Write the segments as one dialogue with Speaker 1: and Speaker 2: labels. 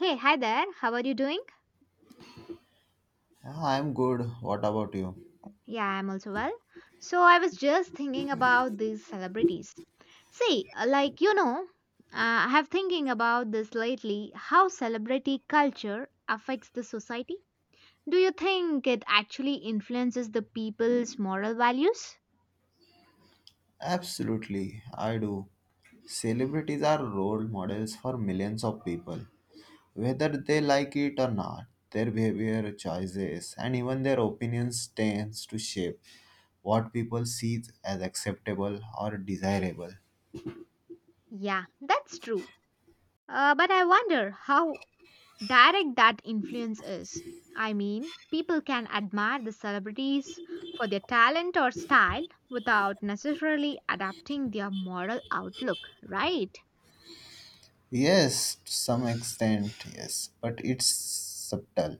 Speaker 1: Hey, hi there. How are you doing?
Speaker 2: Yeah, I'm good. What about you?
Speaker 1: Yeah, I'm also well. So, I was just thinking about these celebrities. See, like you know, I have thinking about this lately how celebrity culture affects the society. Do you think it actually influences the people's moral values?
Speaker 2: Absolutely, I do. Celebrities are role models for millions of people. Whether they like it or not, their behavior, choices, and even their opinions tends to shape what people see as acceptable or desirable.
Speaker 1: Yeah, that's true. But I wonder how direct that influence is. I mean, people can admire the celebrities for their talent or style without necessarily adapting their moral outlook, right?
Speaker 2: Yes, to some extent, yes, but it's subtle.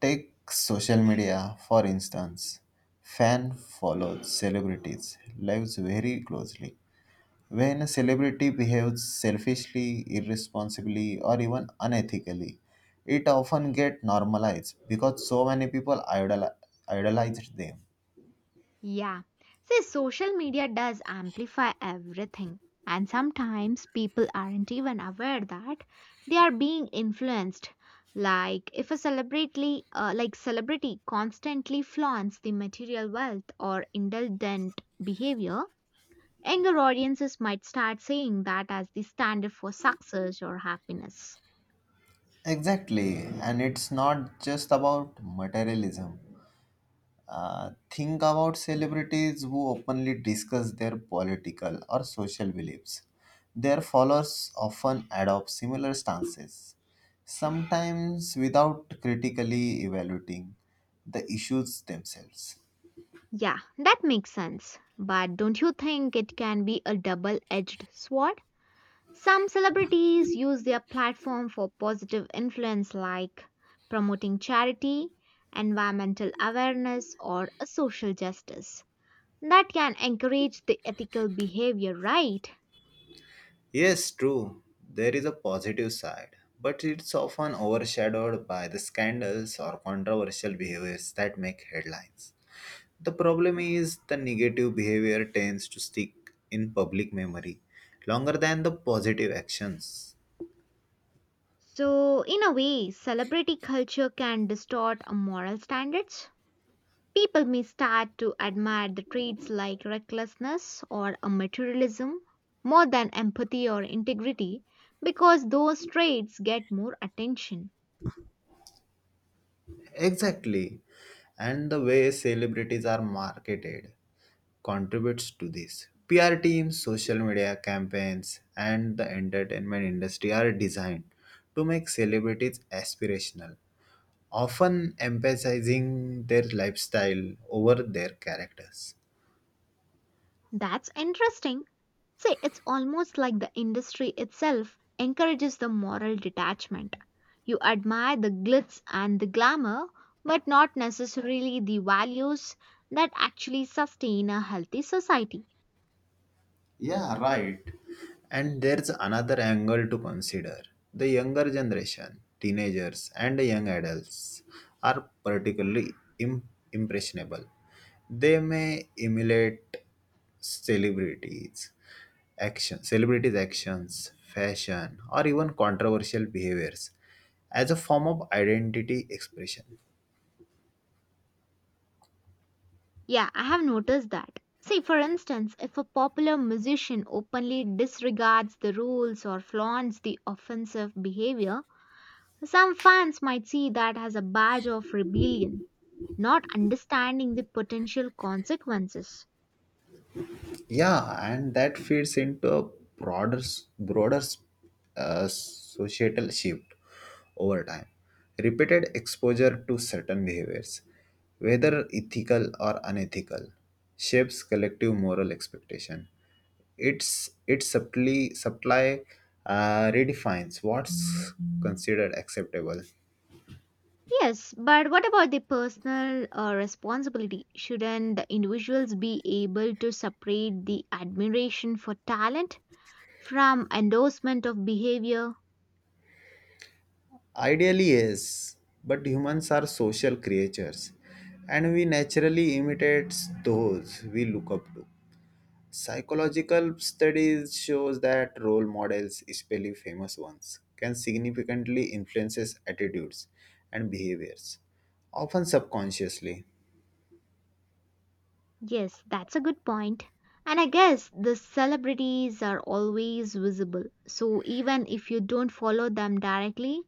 Speaker 2: Take social media for instance. Fan follows celebrities' lives very closely. When a celebrity behaves selfishly, irresponsibly, or even unethically, it often gets normalized because so many people idolize them.
Speaker 1: Yeah. See, social media does amplify everything. And sometimes people aren't even aware that they are being influenced. Like if a celebrity constantly flaunts the material wealth or indulgent behavior, younger audiences might start seeing that as the standard for success or happiness.
Speaker 2: Exactly, and it's not just about materialism. Think about celebrities who openly discuss their political or social beliefs. Their followers often adopt similar stances, sometimes without critically evaluating the issues themselves.
Speaker 1: Yeah, that makes sense. But don't you think it can be a double edged sword? Some celebrities use their platform for positive influence, like promoting charity, environmental awareness, or a social justice. That can encourage the ethical behavior, right?
Speaker 2: Yes, true, there is a positive side, but it's often overshadowed by the scandals or controversial behaviors that make headlines. The problem is the negative behavior tends to stick in public memory longer than the positive actions.
Speaker 1: So, in a way, celebrity culture can distort a moral standards. People may start to admire the traits like recklessness or a materialism more than empathy or integrity because those traits get more attention.
Speaker 2: Exactly. And the way celebrities are marketed contributes to this. PR teams, social media campaigns, and the entertainment industry are designed to make celebrities aspirational, often emphasizing their lifestyle over their characters.
Speaker 1: That's interesting. See, it's almost like the industry itself encourages the moral detachment. You admire the glitz and the glamour, but not necessarily the values that actually sustain a healthy society.
Speaker 2: Yeah, right. And there's another angle to consider. The younger generation, teenagers and young adults, are particularly im- impressionable. They may emulate celebrities, celebrities' actions, fashion, or even controversial behaviors as a form of identity expression.
Speaker 1: Yeah, I have noticed that. See, for instance, if a popular musician openly disregards the rules or flaunts the offensive behavior, some fans might see that as a badge of rebellion, not understanding the potential consequences.
Speaker 2: Yeah, and that feeds into a broader s- broader s- societal shift. Over time, repeated exposure to certain behaviors, whether ethical or unethical, shapes collective moral expectation. It subtly supply redefines what's considered acceptable.
Speaker 1: Yes, but what about the personal responsibility? Shouldn't the individuals be able to separate the admiration for talent from endorsement of behavior?
Speaker 2: Ideally, yes, but humans are social creatures and we naturally imitate those we look up to. Psychological studies shows that role models, especially famous ones, can significantly influences attitudes and behaviors, often subconsciously.
Speaker 1: Yes, that's a good point. And I guess the celebrities are always visible. So even if you don't follow them directly,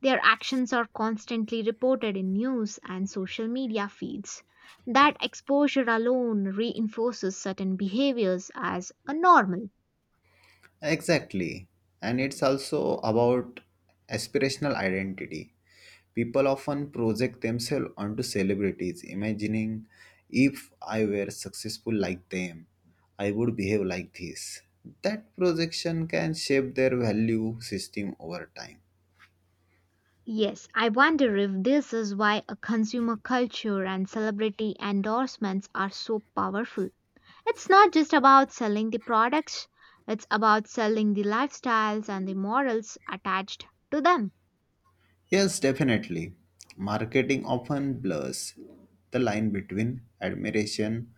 Speaker 1: their actions are constantly reported in news and social media feeds. That exposure alone reinforces certain behaviors as a normal.
Speaker 2: Exactly. And it's also about aspirational identity. People often project themselves onto celebrities, imagining if I were successful like them, I would behave like this. That projection can shape their value system over time.
Speaker 1: Yes, I wonder if this is why a consumer culture and celebrity endorsements are so powerful. It's not just about selling the products, it's about selling the lifestyles and the morals attached to them.
Speaker 2: Yes, definitely. Marketing often blurs the line between admiration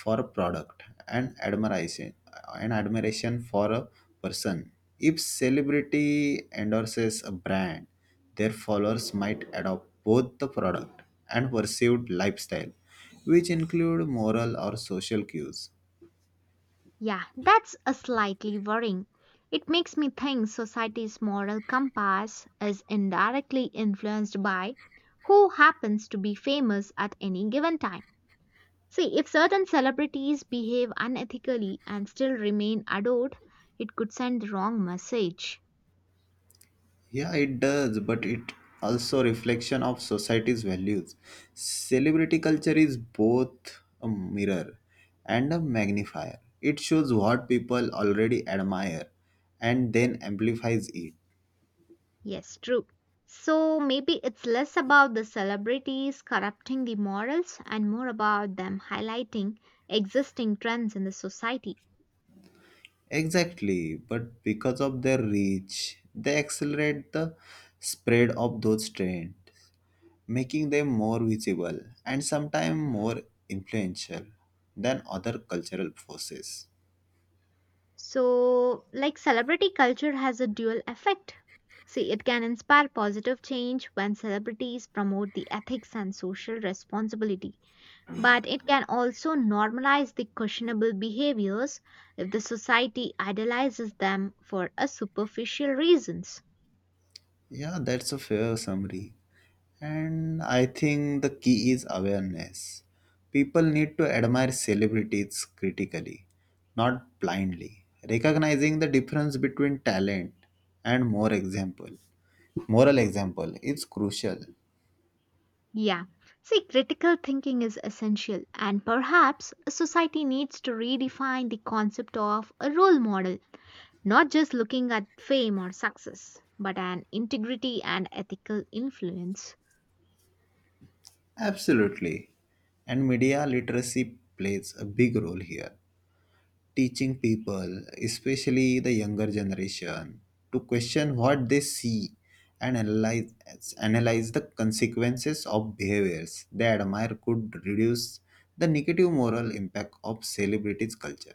Speaker 2: for a product and admiration for a person. If celebrity endorses a brand, their followers might adopt both the product and perceived lifestyle, which include moral or social cues.
Speaker 1: Yeah, that's a slightly worrying. It makes me think society's moral compass is indirectly influenced by who happens to be famous at any given time. See, if certain celebrities behave unethically and still remain adored, it could send the wrong message.
Speaker 2: Yeah, it does, but it also reflection of society's values. Celebrity culture is both a mirror and a magnifier. It shows what people already admire and then amplifies it.
Speaker 1: Yes, true. So maybe it's less about the celebrities corrupting the morals and more about them highlighting existing trends in the society.
Speaker 2: Exactly, but because of their reach, they accelerate the spread of those trends, making them more visible and sometimes more influential than other cultural forces.
Speaker 1: So, like celebrity culture has a dual effect. See, it can inspire positive change when celebrities promote the ethics and social responsibility, but it can also normalize the questionable behaviors if the society idolizes them for a superficial reasons.
Speaker 2: Yeah, that's a fair summary. And I think the key is awareness. People need to admire celebrities critically, not blindly, recognizing the difference between talent and more example. Moral example is crucial.
Speaker 1: Yeah. See, critical thinking is essential, and perhaps a society needs to redefine the concept of a role model, not just looking at fame or success, but an integrity and ethical influence.
Speaker 2: Absolutely. And media literacy plays a big role here. Teaching people, especially the younger generation, to question what they see and analyze the consequences of behaviors they admire could reduce the negative moral impact of celebrities' culture.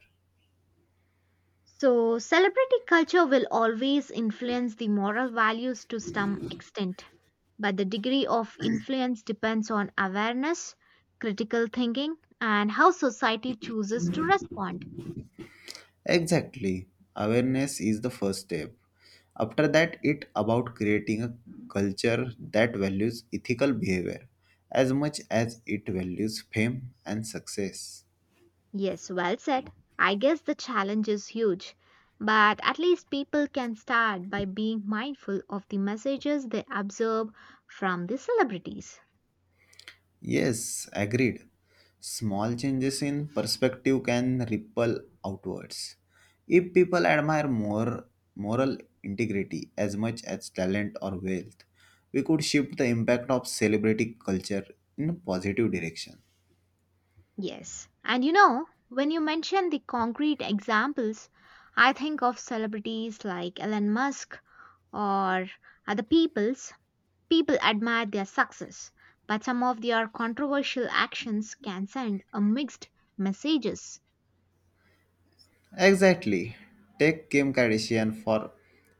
Speaker 1: So, celebrity culture will always influence the moral values to some extent, but the degree of influence depends on awareness, critical thinking, and how society chooses to respond.
Speaker 2: Exactly. Awareness is the first step. After that, it about creating a culture that values ethical behavior as much as it values fame and success.
Speaker 1: Yes, well said. I guess the challenge is huge, but at least people can start by being mindful of the messages they observe from the celebrities.
Speaker 2: Yes, agreed. Small changes in perspective can ripple outwards. If people admire more moral integrity as much as talent or wealth, we could shift the impact of celebrity culture in a positive direction.
Speaker 1: Yes, and you know, when you mention the concrete examples, I think of celebrities like Elon Musk or other people's. People admire their success, but some of their controversial actions can send a mixed messages.
Speaker 2: Exactly. Take Kim Kardashian for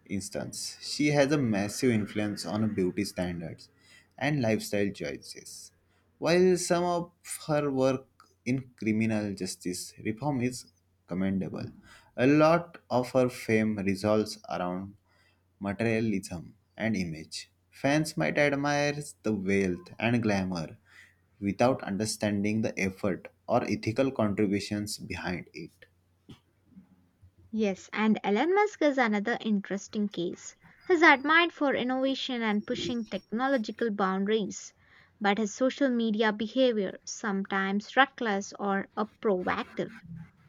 Speaker 2: instance. She has a massive influence on beauty standards and lifestyle choices. While some of her work in criminal justice reform is commendable, a lot of her fame revolves around materialism and image. Fans might admire the wealth and glamour without understanding the effort or ethical contributions behind it.
Speaker 1: Yes, and Elon Musk is another interesting case. He's admired for innovation and pushing technological boundaries, but his social media behavior, sometimes reckless or proactive,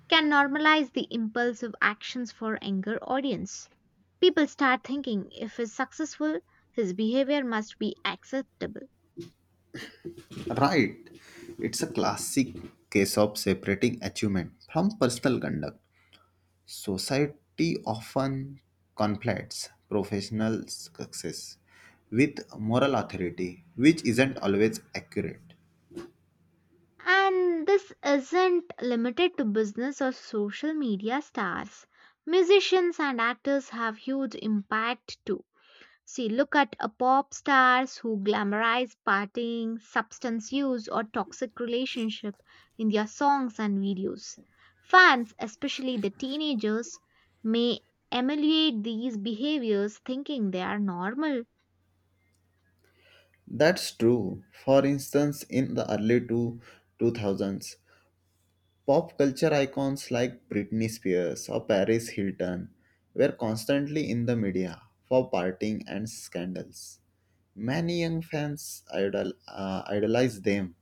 Speaker 1: can normalize the impulsive actions for younger audience. People start thinking if he's successful, his behavior must be acceptable.
Speaker 2: Right. It's a classic case of separating achievement from personal conduct. Society often conflates professional success with moral authority, which isn't always accurate.
Speaker 1: And this isn't limited to business or social media stars. Musicians and actors have huge impact too. See, look at a pop stars who glamorize partying, substance use, or toxic relationship in their songs and videos. Fans, especially the teenagers, may emulate these behaviors thinking they are normal.
Speaker 2: That's true. For instance, in the early two 2000s, pop culture icons like Britney Spears or Paris Hilton were constantly in the media for partying and scandals. Many young fans idolize them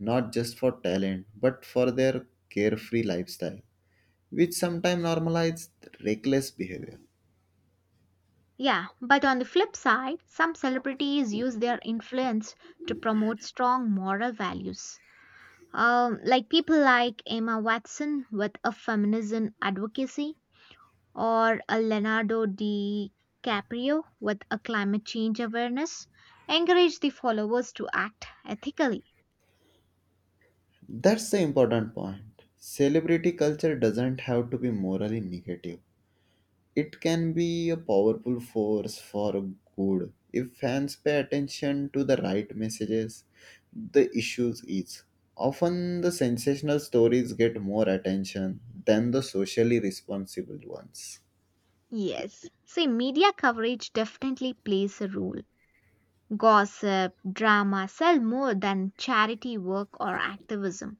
Speaker 2: not just for talent but for their carefree lifestyle, which sometimes normalizes reckless behavior.
Speaker 1: Yeah, but on the flip side, some celebrities use their influence to promote strong moral values. Like people like Emma Watson with a feminism advocacy, or a Leonardo DiCaprio with a climate change awareness, encourage the followers to act ethically.
Speaker 2: That's the important point. Celebrity culture doesn't have to be morally negative. It can be a powerful force for good if fans pay attention to the right messages. The issues is often the sensational stories get more attention than the socially responsible ones.
Speaker 1: Yes, see, media coverage definitely plays a role. Gossip, drama sell more than charity work or activism.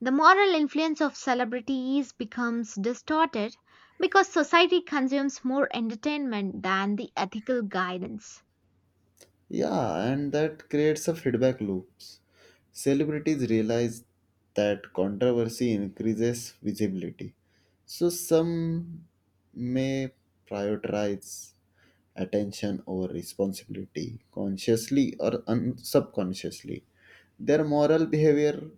Speaker 1: The moral influence of celebrities becomes distorted because society consumes more entertainment than the ethical guidance.
Speaker 2: Yeah, and that creates a feedback loops. Celebrities realize that controversy increases visibility. So some may prioritize attention over responsibility consciously or subconsciously. Their moral behavior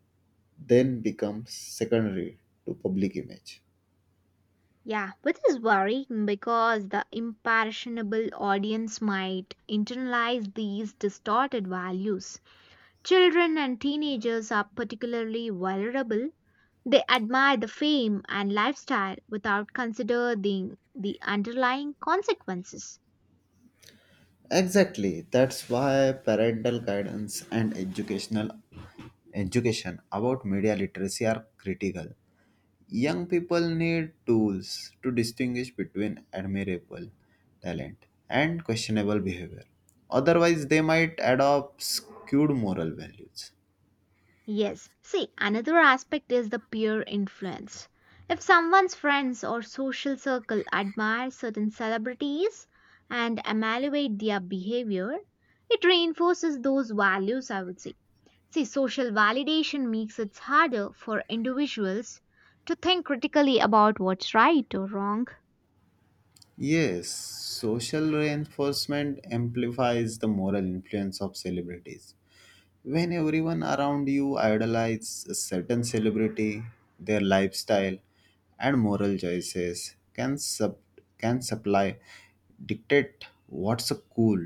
Speaker 2: then becomes secondary to public image.
Speaker 1: Yeah, which is worrying because the impressionable audience might internalize these distorted values. Children and teenagers are particularly vulnerable. They admire the fame and lifestyle without considering the underlying consequences.
Speaker 2: Exactly. That's why parental guidance and education about media literacy are critical. Young people need tools to distinguish between admirable talent and questionable behavior. Otherwise, they might adopt skewed moral values.
Speaker 1: Yes. See, another aspect is the peer influence. If someone's friends or social circle admire certain celebrities and evaluate their behavior, it reinforces those values, I would say. See, social validation makes it harder for individuals to think critically about what's right or wrong.
Speaker 2: Yes, social reinforcement amplifies the moral influence of celebrities. When everyone around you idolize a certain celebrity, their lifestyle and moral choices can supply dictate what's cool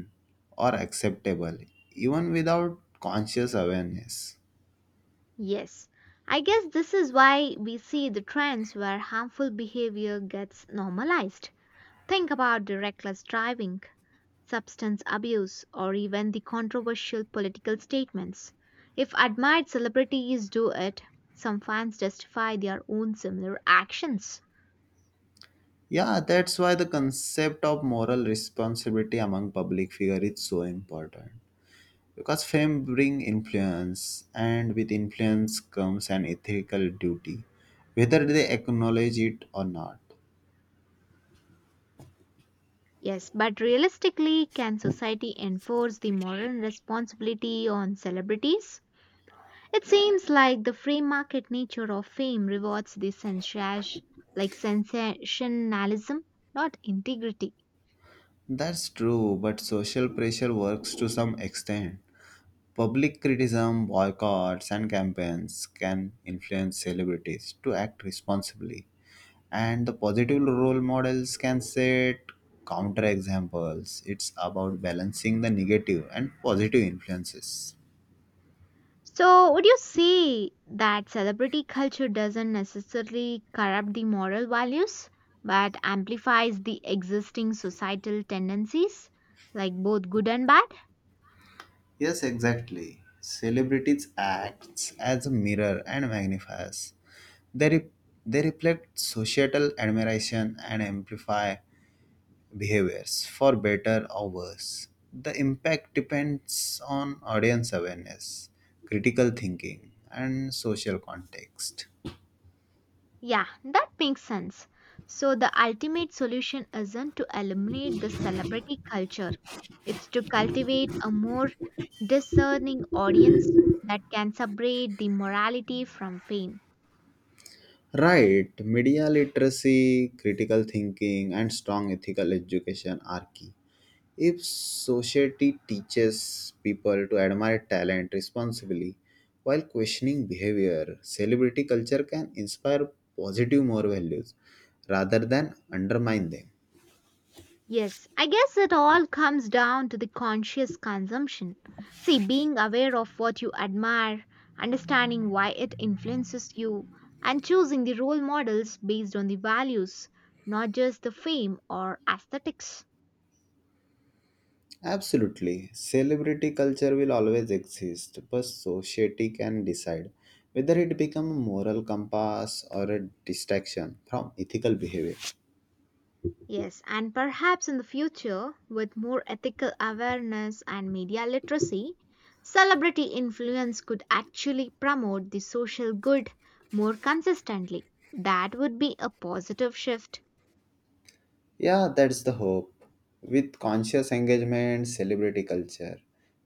Speaker 2: or acceptable even without conscious awareness.
Speaker 1: Yes. I guess this is why we see the trends where harmful behavior gets normalized. Think about the reckless driving substance abuse, or even the controversial political statements. If admired celebrities do it, some fans justify their own similar actions.
Speaker 2: Yeah, that's why the concept of moral responsibility among public figure is so important. Because fame brings influence, and with influence comes an ethical duty, whether they acknowledge it or not.
Speaker 1: Yes, but realistically, can society enforce the moral responsibility on celebrities? It seems like the free market nature of fame rewards the sensation, like sensationalism, not integrity.
Speaker 2: That's true, but social pressure works to some extent. Public criticism, boycotts, and campaigns can influence celebrities to act responsibly, and the positive role models can set counterexamples. It's about balancing the negative and positive influences.
Speaker 1: So, would you say that celebrity culture doesn't necessarily corrupt the moral values, but amplifies the existing societal tendencies, like both good and bad?
Speaker 2: Yes, exactly. Celebrities acts as a mirror and magnifiers. They, re- they reflect societal admiration and amplify behaviors for better or worse. The impact depends on audience awareness, critical thinking, and social context.
Speaker 1: Yeah, that makes sense. So, the ultimate solution isn't to eliminate the celebrity culture, it's to cultivate a more discerning audience that can separate the morality from fame.
Speaker 2: Right, media literacy, critical thinking, and strong ethical education are key. If society teaches people to admire talent responsibly while questioning behavior, celebrity culture can inspire positive moral values rather than undermine them.
Speaker 1: Yes, I guess it all comes down to the conscious consumption. See, being aware of what you admire, understanding why it influences you, and choosing the role models based on the values, not just the fame or aesthetics.
Speaker 2: Absolutely, celebrity culture will always exist, but society can decide whether it becomes a moral compass or a distraction from ethical behavior.
Speaker 1: Yes, and perhaps in the future, with more ethical awareness and media literacy, celebrity influence could actually promote the social good more consistently. That would be a positive shift.
Speaker 2: Yeah, that's the hope. With conscious engagement, celebrity culture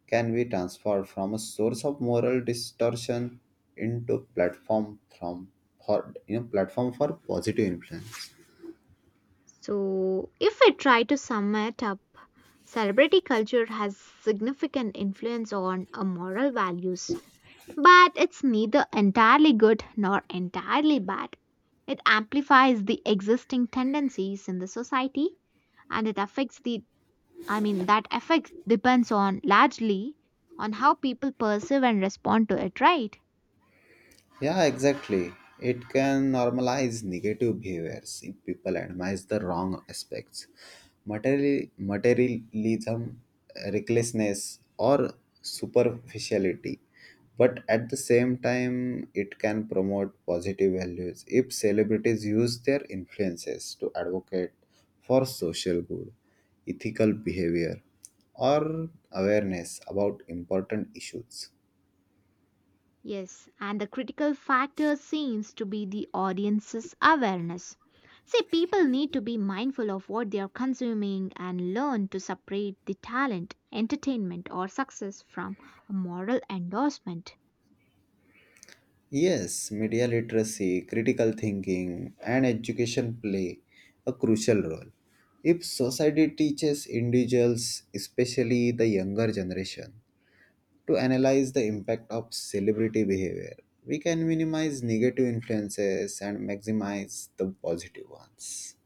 Speaker 2: can be transformed from a source of moral distortion into platform from for you know platform for positive influence.
Speaker 1: So, if I try to sum it up, celebrity culture has significant influence on our moral values, but it's neither entirely good nor entirely bad. It amplifies the existing tendencies in the society and it affects the I mean that affect depends on largely on how people perceive and respond to it, right?
Speaker 2: Yeah, exactly. It can normalize negative behaviors if people admire the wrong aspects. Materialism, recklessness, or superficiality. But at the same time, it can promote positive values if celebrities use their influences to advocate for social good, ethical behavior, or awareness about important issues.
Speaker 1: Yes, and the critical factor seems to be the audience's awareness. See, people need to be mindful of what they are consuming and learn to separate the talent, entertainment, or success from a moral endorsement.
Speaker 2: Yes, media literacy, critical thinking, and education play a crucial role. If society teaches individuals, especially the younger generation, to analyze the impact of celebrity behavior, we can minimize negative influences and maximize the positive ones.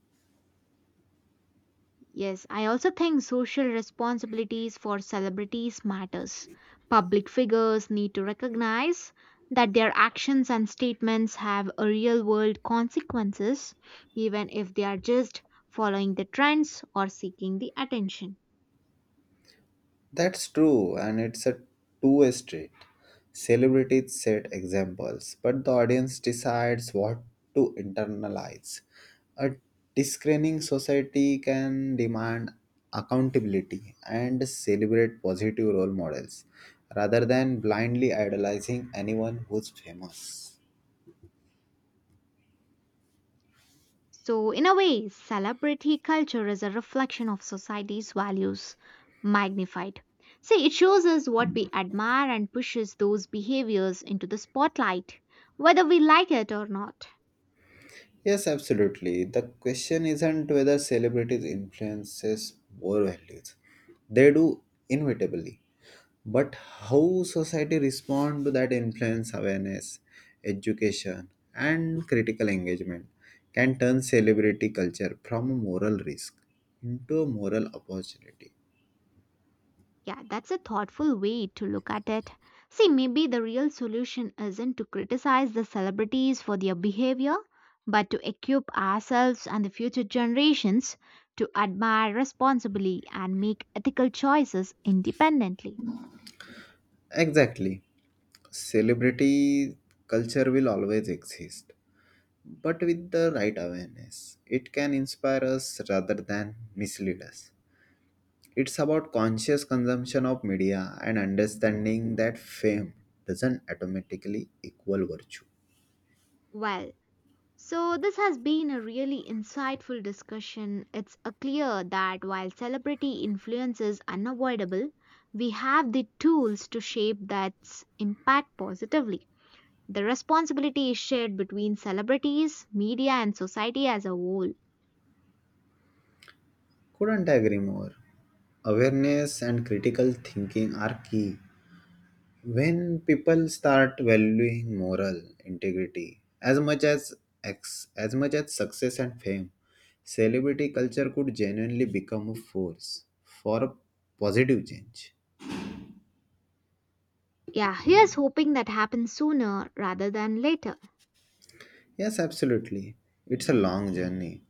Speaker 1: Yes, I also think social responsibilities for celebrities matters. Public figures need to recognize that their actions and statements have a real-world consequences even if they are just following the trends or seeking the attention.
Speaker 2: That's true, and it's a two-way street. Celebrities set examples, but the audience decides what to internalize. A discerning society can demand accountability and celebrate positive role models rather than blindly idolizing anyone who's famous.
Speaker 1: So in a way, celebrity culture is a reflection of society's values magnified. See, it shows us what we admire and pushes those behaviors into the spotlight, whether we like it or not.
Speaker 2: Yes, absolutely. The question isn't whether celebrities influences more values. They do inevitably. But how society respond to that influence, awareness, education, and critical engagement can turn celebrity culture from a moral risk into a moral opportunity.
Speaker 1: Yeah, that's a thoughtful way to look at it. See, maybe the real solution isn't to criticize the celebrities for their behavior, but to equip ourselves and the future generations to admire responsibly and make ethical choices independently.
Speaker 2: Exactly, celebrity culture will always exist, but with the right awareness it can inspire us rather than mislead us. It's about conscious consumption of media and understanding that fame doesn't automatically equal virtue.
Speaker 1: Well, so this has been a really insightful discussion. It's clear that while celebrity influence is unavoidable, we have the tools to shape that impact positively. The responsibility is shared between celebrities, media, and society as a whole.
Speaker 2: Couldn't agree more. Awareness and critical thinking are key. When people start valuing moral integrity as much as success and fame, celebrity culture could genuinely become a force for a positive change.
Speaker 1: Yeah, here's hoping that happens sooner rather than later.
Speaker 2: Yes, absolutely. It's a long journey,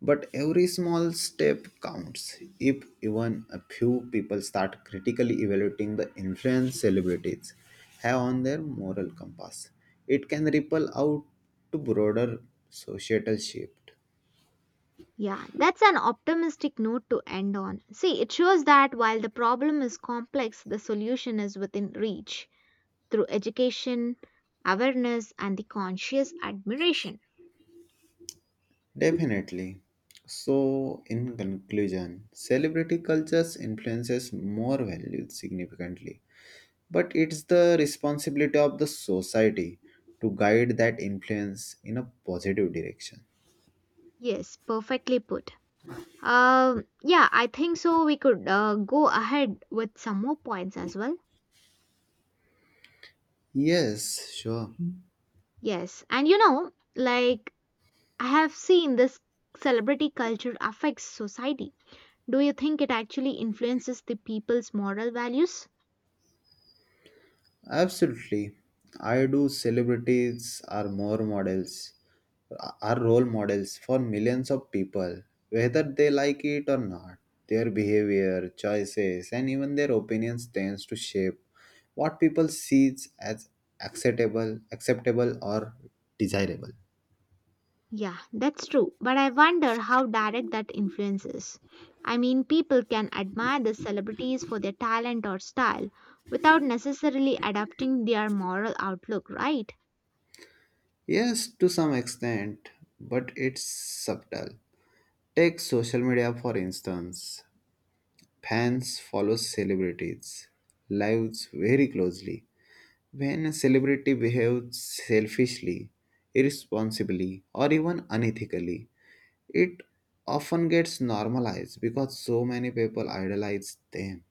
Speaker 2: but every small step counts. If even a few people start critically evaluating the influence celebrities have on their moral compass, it can ripple out to broader societal shift.
Speaker 1: Yeah, that's an optimistic note to end on. See, it shows that while the problem is complex, the solution is within reach through education, awareness, and the conscious admiration.
Speaker 2: Definitely. So, in conclusion, celebrity cultures influences more valued significantly. But it's the responsibility of the society to guide that influence in a positive direction.
Speaker 1: Yes, perfectly put. Yeah, I think so. We could go ahead with some more points as well.
Speaker 2: Yes, sure.
Speaker 1: Yes, and like I have seen this celebrity culture affects society. Do you think it actually influences the people's moral values?
Speaker 2: Absolutely. I do celebrities are role models for millions of people, whether they like it or not. Their behavior, choices, and even their opinions tends to shape what people sees as acceptable or desirable.
Speaker 1: Yeah, that's true. But I wonder how direct that influence is. I mean, people can admire the celebrities for their talent or style without necessarily adapting their moral outlook, right?
Speaker 2: Yes, to some extent, but it's subtle. Take social media for instance. Fans follow celebrities' lives very closely. When a celebrity behaves selfishly, irresponsibly, or even unethically, it often gets normalized because so many people idolize them.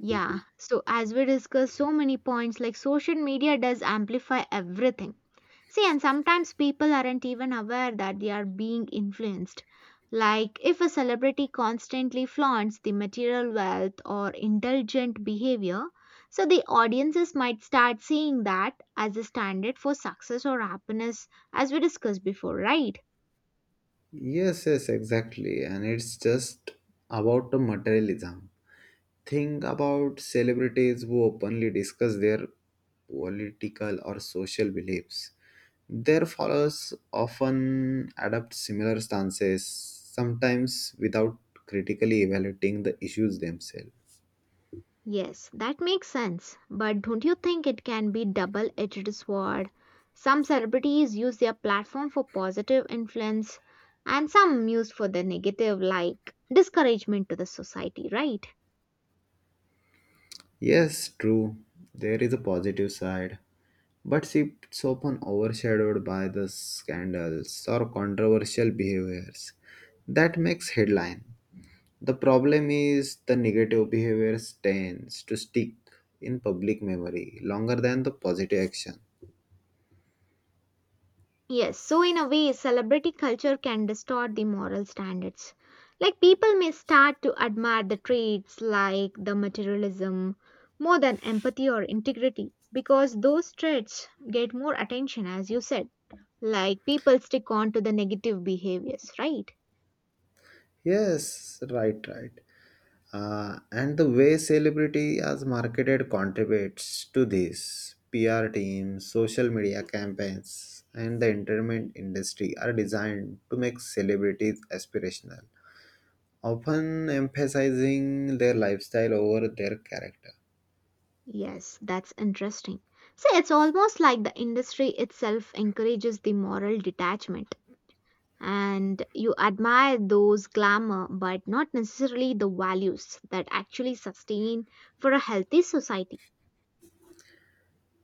Speaker 1: Yeah, so as we discussed so many points, like social media does amplify everything. See, and sometimes people aren't even aware that they are being influenced. Like if a celebrity constantly flaunts the material wealth or indulgent behavior, so the audiences might start seeing that as a standard for success or happiness, as we discussed before, right?
Speaker 2: Yes, exactly. And it's just about the materialism. Think about celebrities who openly discuss their political or social beliefs. Their followers often adopt similar stances, sometimes without critically evaluating the issues themselves.
Speaker 1: Yes, that makes sense. But don't you think it can be double edged sword? Some celebrities use their platform for positive influence and some used for the negative like discouragement to the society, right?
Speaker 2: Yes, true, there is a positive side, but it's often overshadowed by the scandals or controversial behaviors that makes headline. The problem is the negative behaviors tends to stick in public memory longer than the positive action.
Speaker 1: Yes, so in a way celebrity culture can distort the moral standards. Like people may start to admire the traits like the materialism more than empathy or integrity because those traits get more attention as you said. Like people stick on to the negative behaviors, right?
Speaker 2: Yes, right. And the way celebrity as marketed contributes to this. PR teams, social media campaigns, and the entertainment industry are designed to make celebrities aspirational, often emphasizing their lifestyle over their character.
Speaker 1: Yes, that's interesting. So it's almost like the industry itself encourages the moral detachment. And you admire those glamour, but not necessarily the values that actually sustain for a healthy society.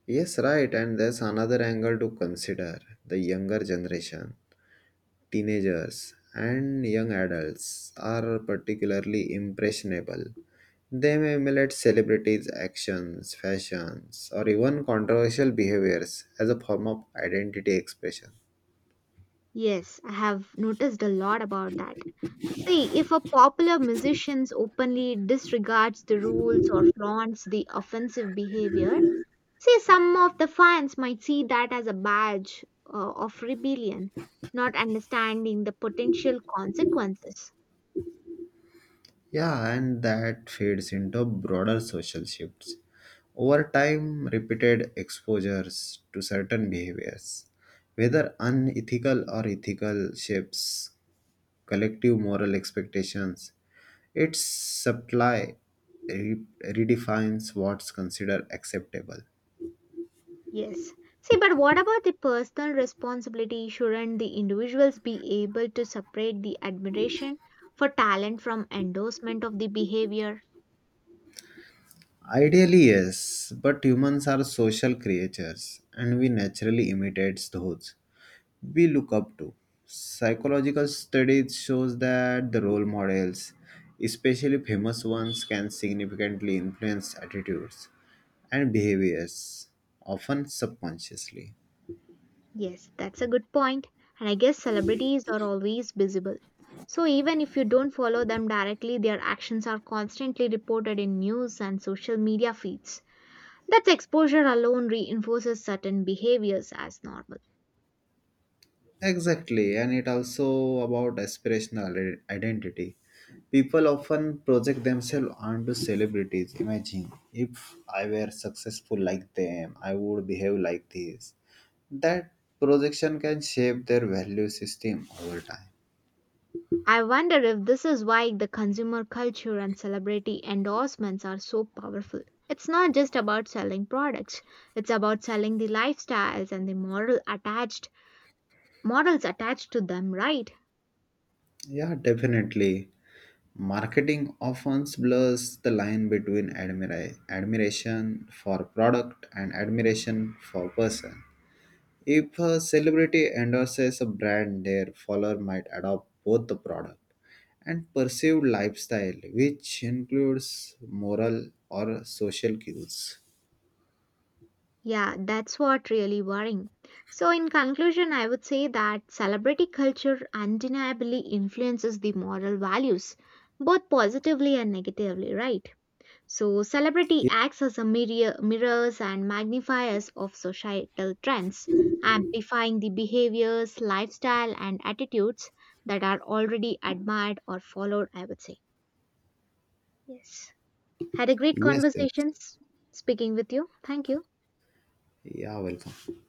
Speaker 2: Yes, right, and there's another angle to consider the younger generation. Teenagers and young adults are particularly impressionable. They may emulate celebrities' actions, fashions, or even controversial behaviors as a form of identity expression.
Speaker 1: Yes, I have noticed a lot about that. See, if a popular musician openly disregards the rules or flaunts the offensive behavior, see, some of the fans might see that as a badge of rebellion, not understanding the potential consequences.
Speaker 2: Yeah, and that feeds into broader social shifts. Over time, repeated exposures to certain behaviors, whether unethical or ethical, shapes collective moral expectations. Its supply redefines what's considered acceptable.
Speaker 1: Yes. See, but what about the personal responsibility? Shouldn't the individuals be able to separate the admiration for talent from endorsement of the behavior?
Speaker 2: Ideally, yes, but humans are social creatures and we naturally imitate those we look up to. Psychological studies shows that the role models, especially famous ones, can significantly influence attitudes and behaviors, often subconsciously.
Speaker 1: Yes, that's a good point. And I guess celebrities are always visible. So even if you don't follow them directly, their actions are constantly reported in news and social media feeds. That exposure alone reinforces certain behaviors as normal.
Speaker 2: Exactly, and it also about aspirational identity. People often project themselves onto celebrities. Imagine if I were successful like them, I would behave like this. That projection can shape their value system over time.
Speaker 1: I wonder if this is why the consumer culture and celebrity endorsements are so powerful. It's not just about selling products, it's about selling the lifestyles and the moral attached models attached to them, right?
Speaker 2: Yeah, definitely. Marketing often blurs the line between admiration for product and admiration for person. If a celebrity endorses a brand, their follower might adopt both the product and perceived lifestyle, which includes moral or social cues.
Speaker 1: Yeah, that's what really worrying. So in conclusion, I would say that celebrity culture undeniably influences the moral values, both positively and negatively, right? So, celebrity
Speaker 2: Ye-
Speaker 1: acts as a mirrors and magnifiers of societal trends, amplifying the behaviors, lifestyle, and attitudes that are already admired or followed, I would say. Yes. Had a great
Speaker 2: Yes, yes.
Speaker 1: speaking with you. Thank you.
Speaker 2: Yeah, welcome.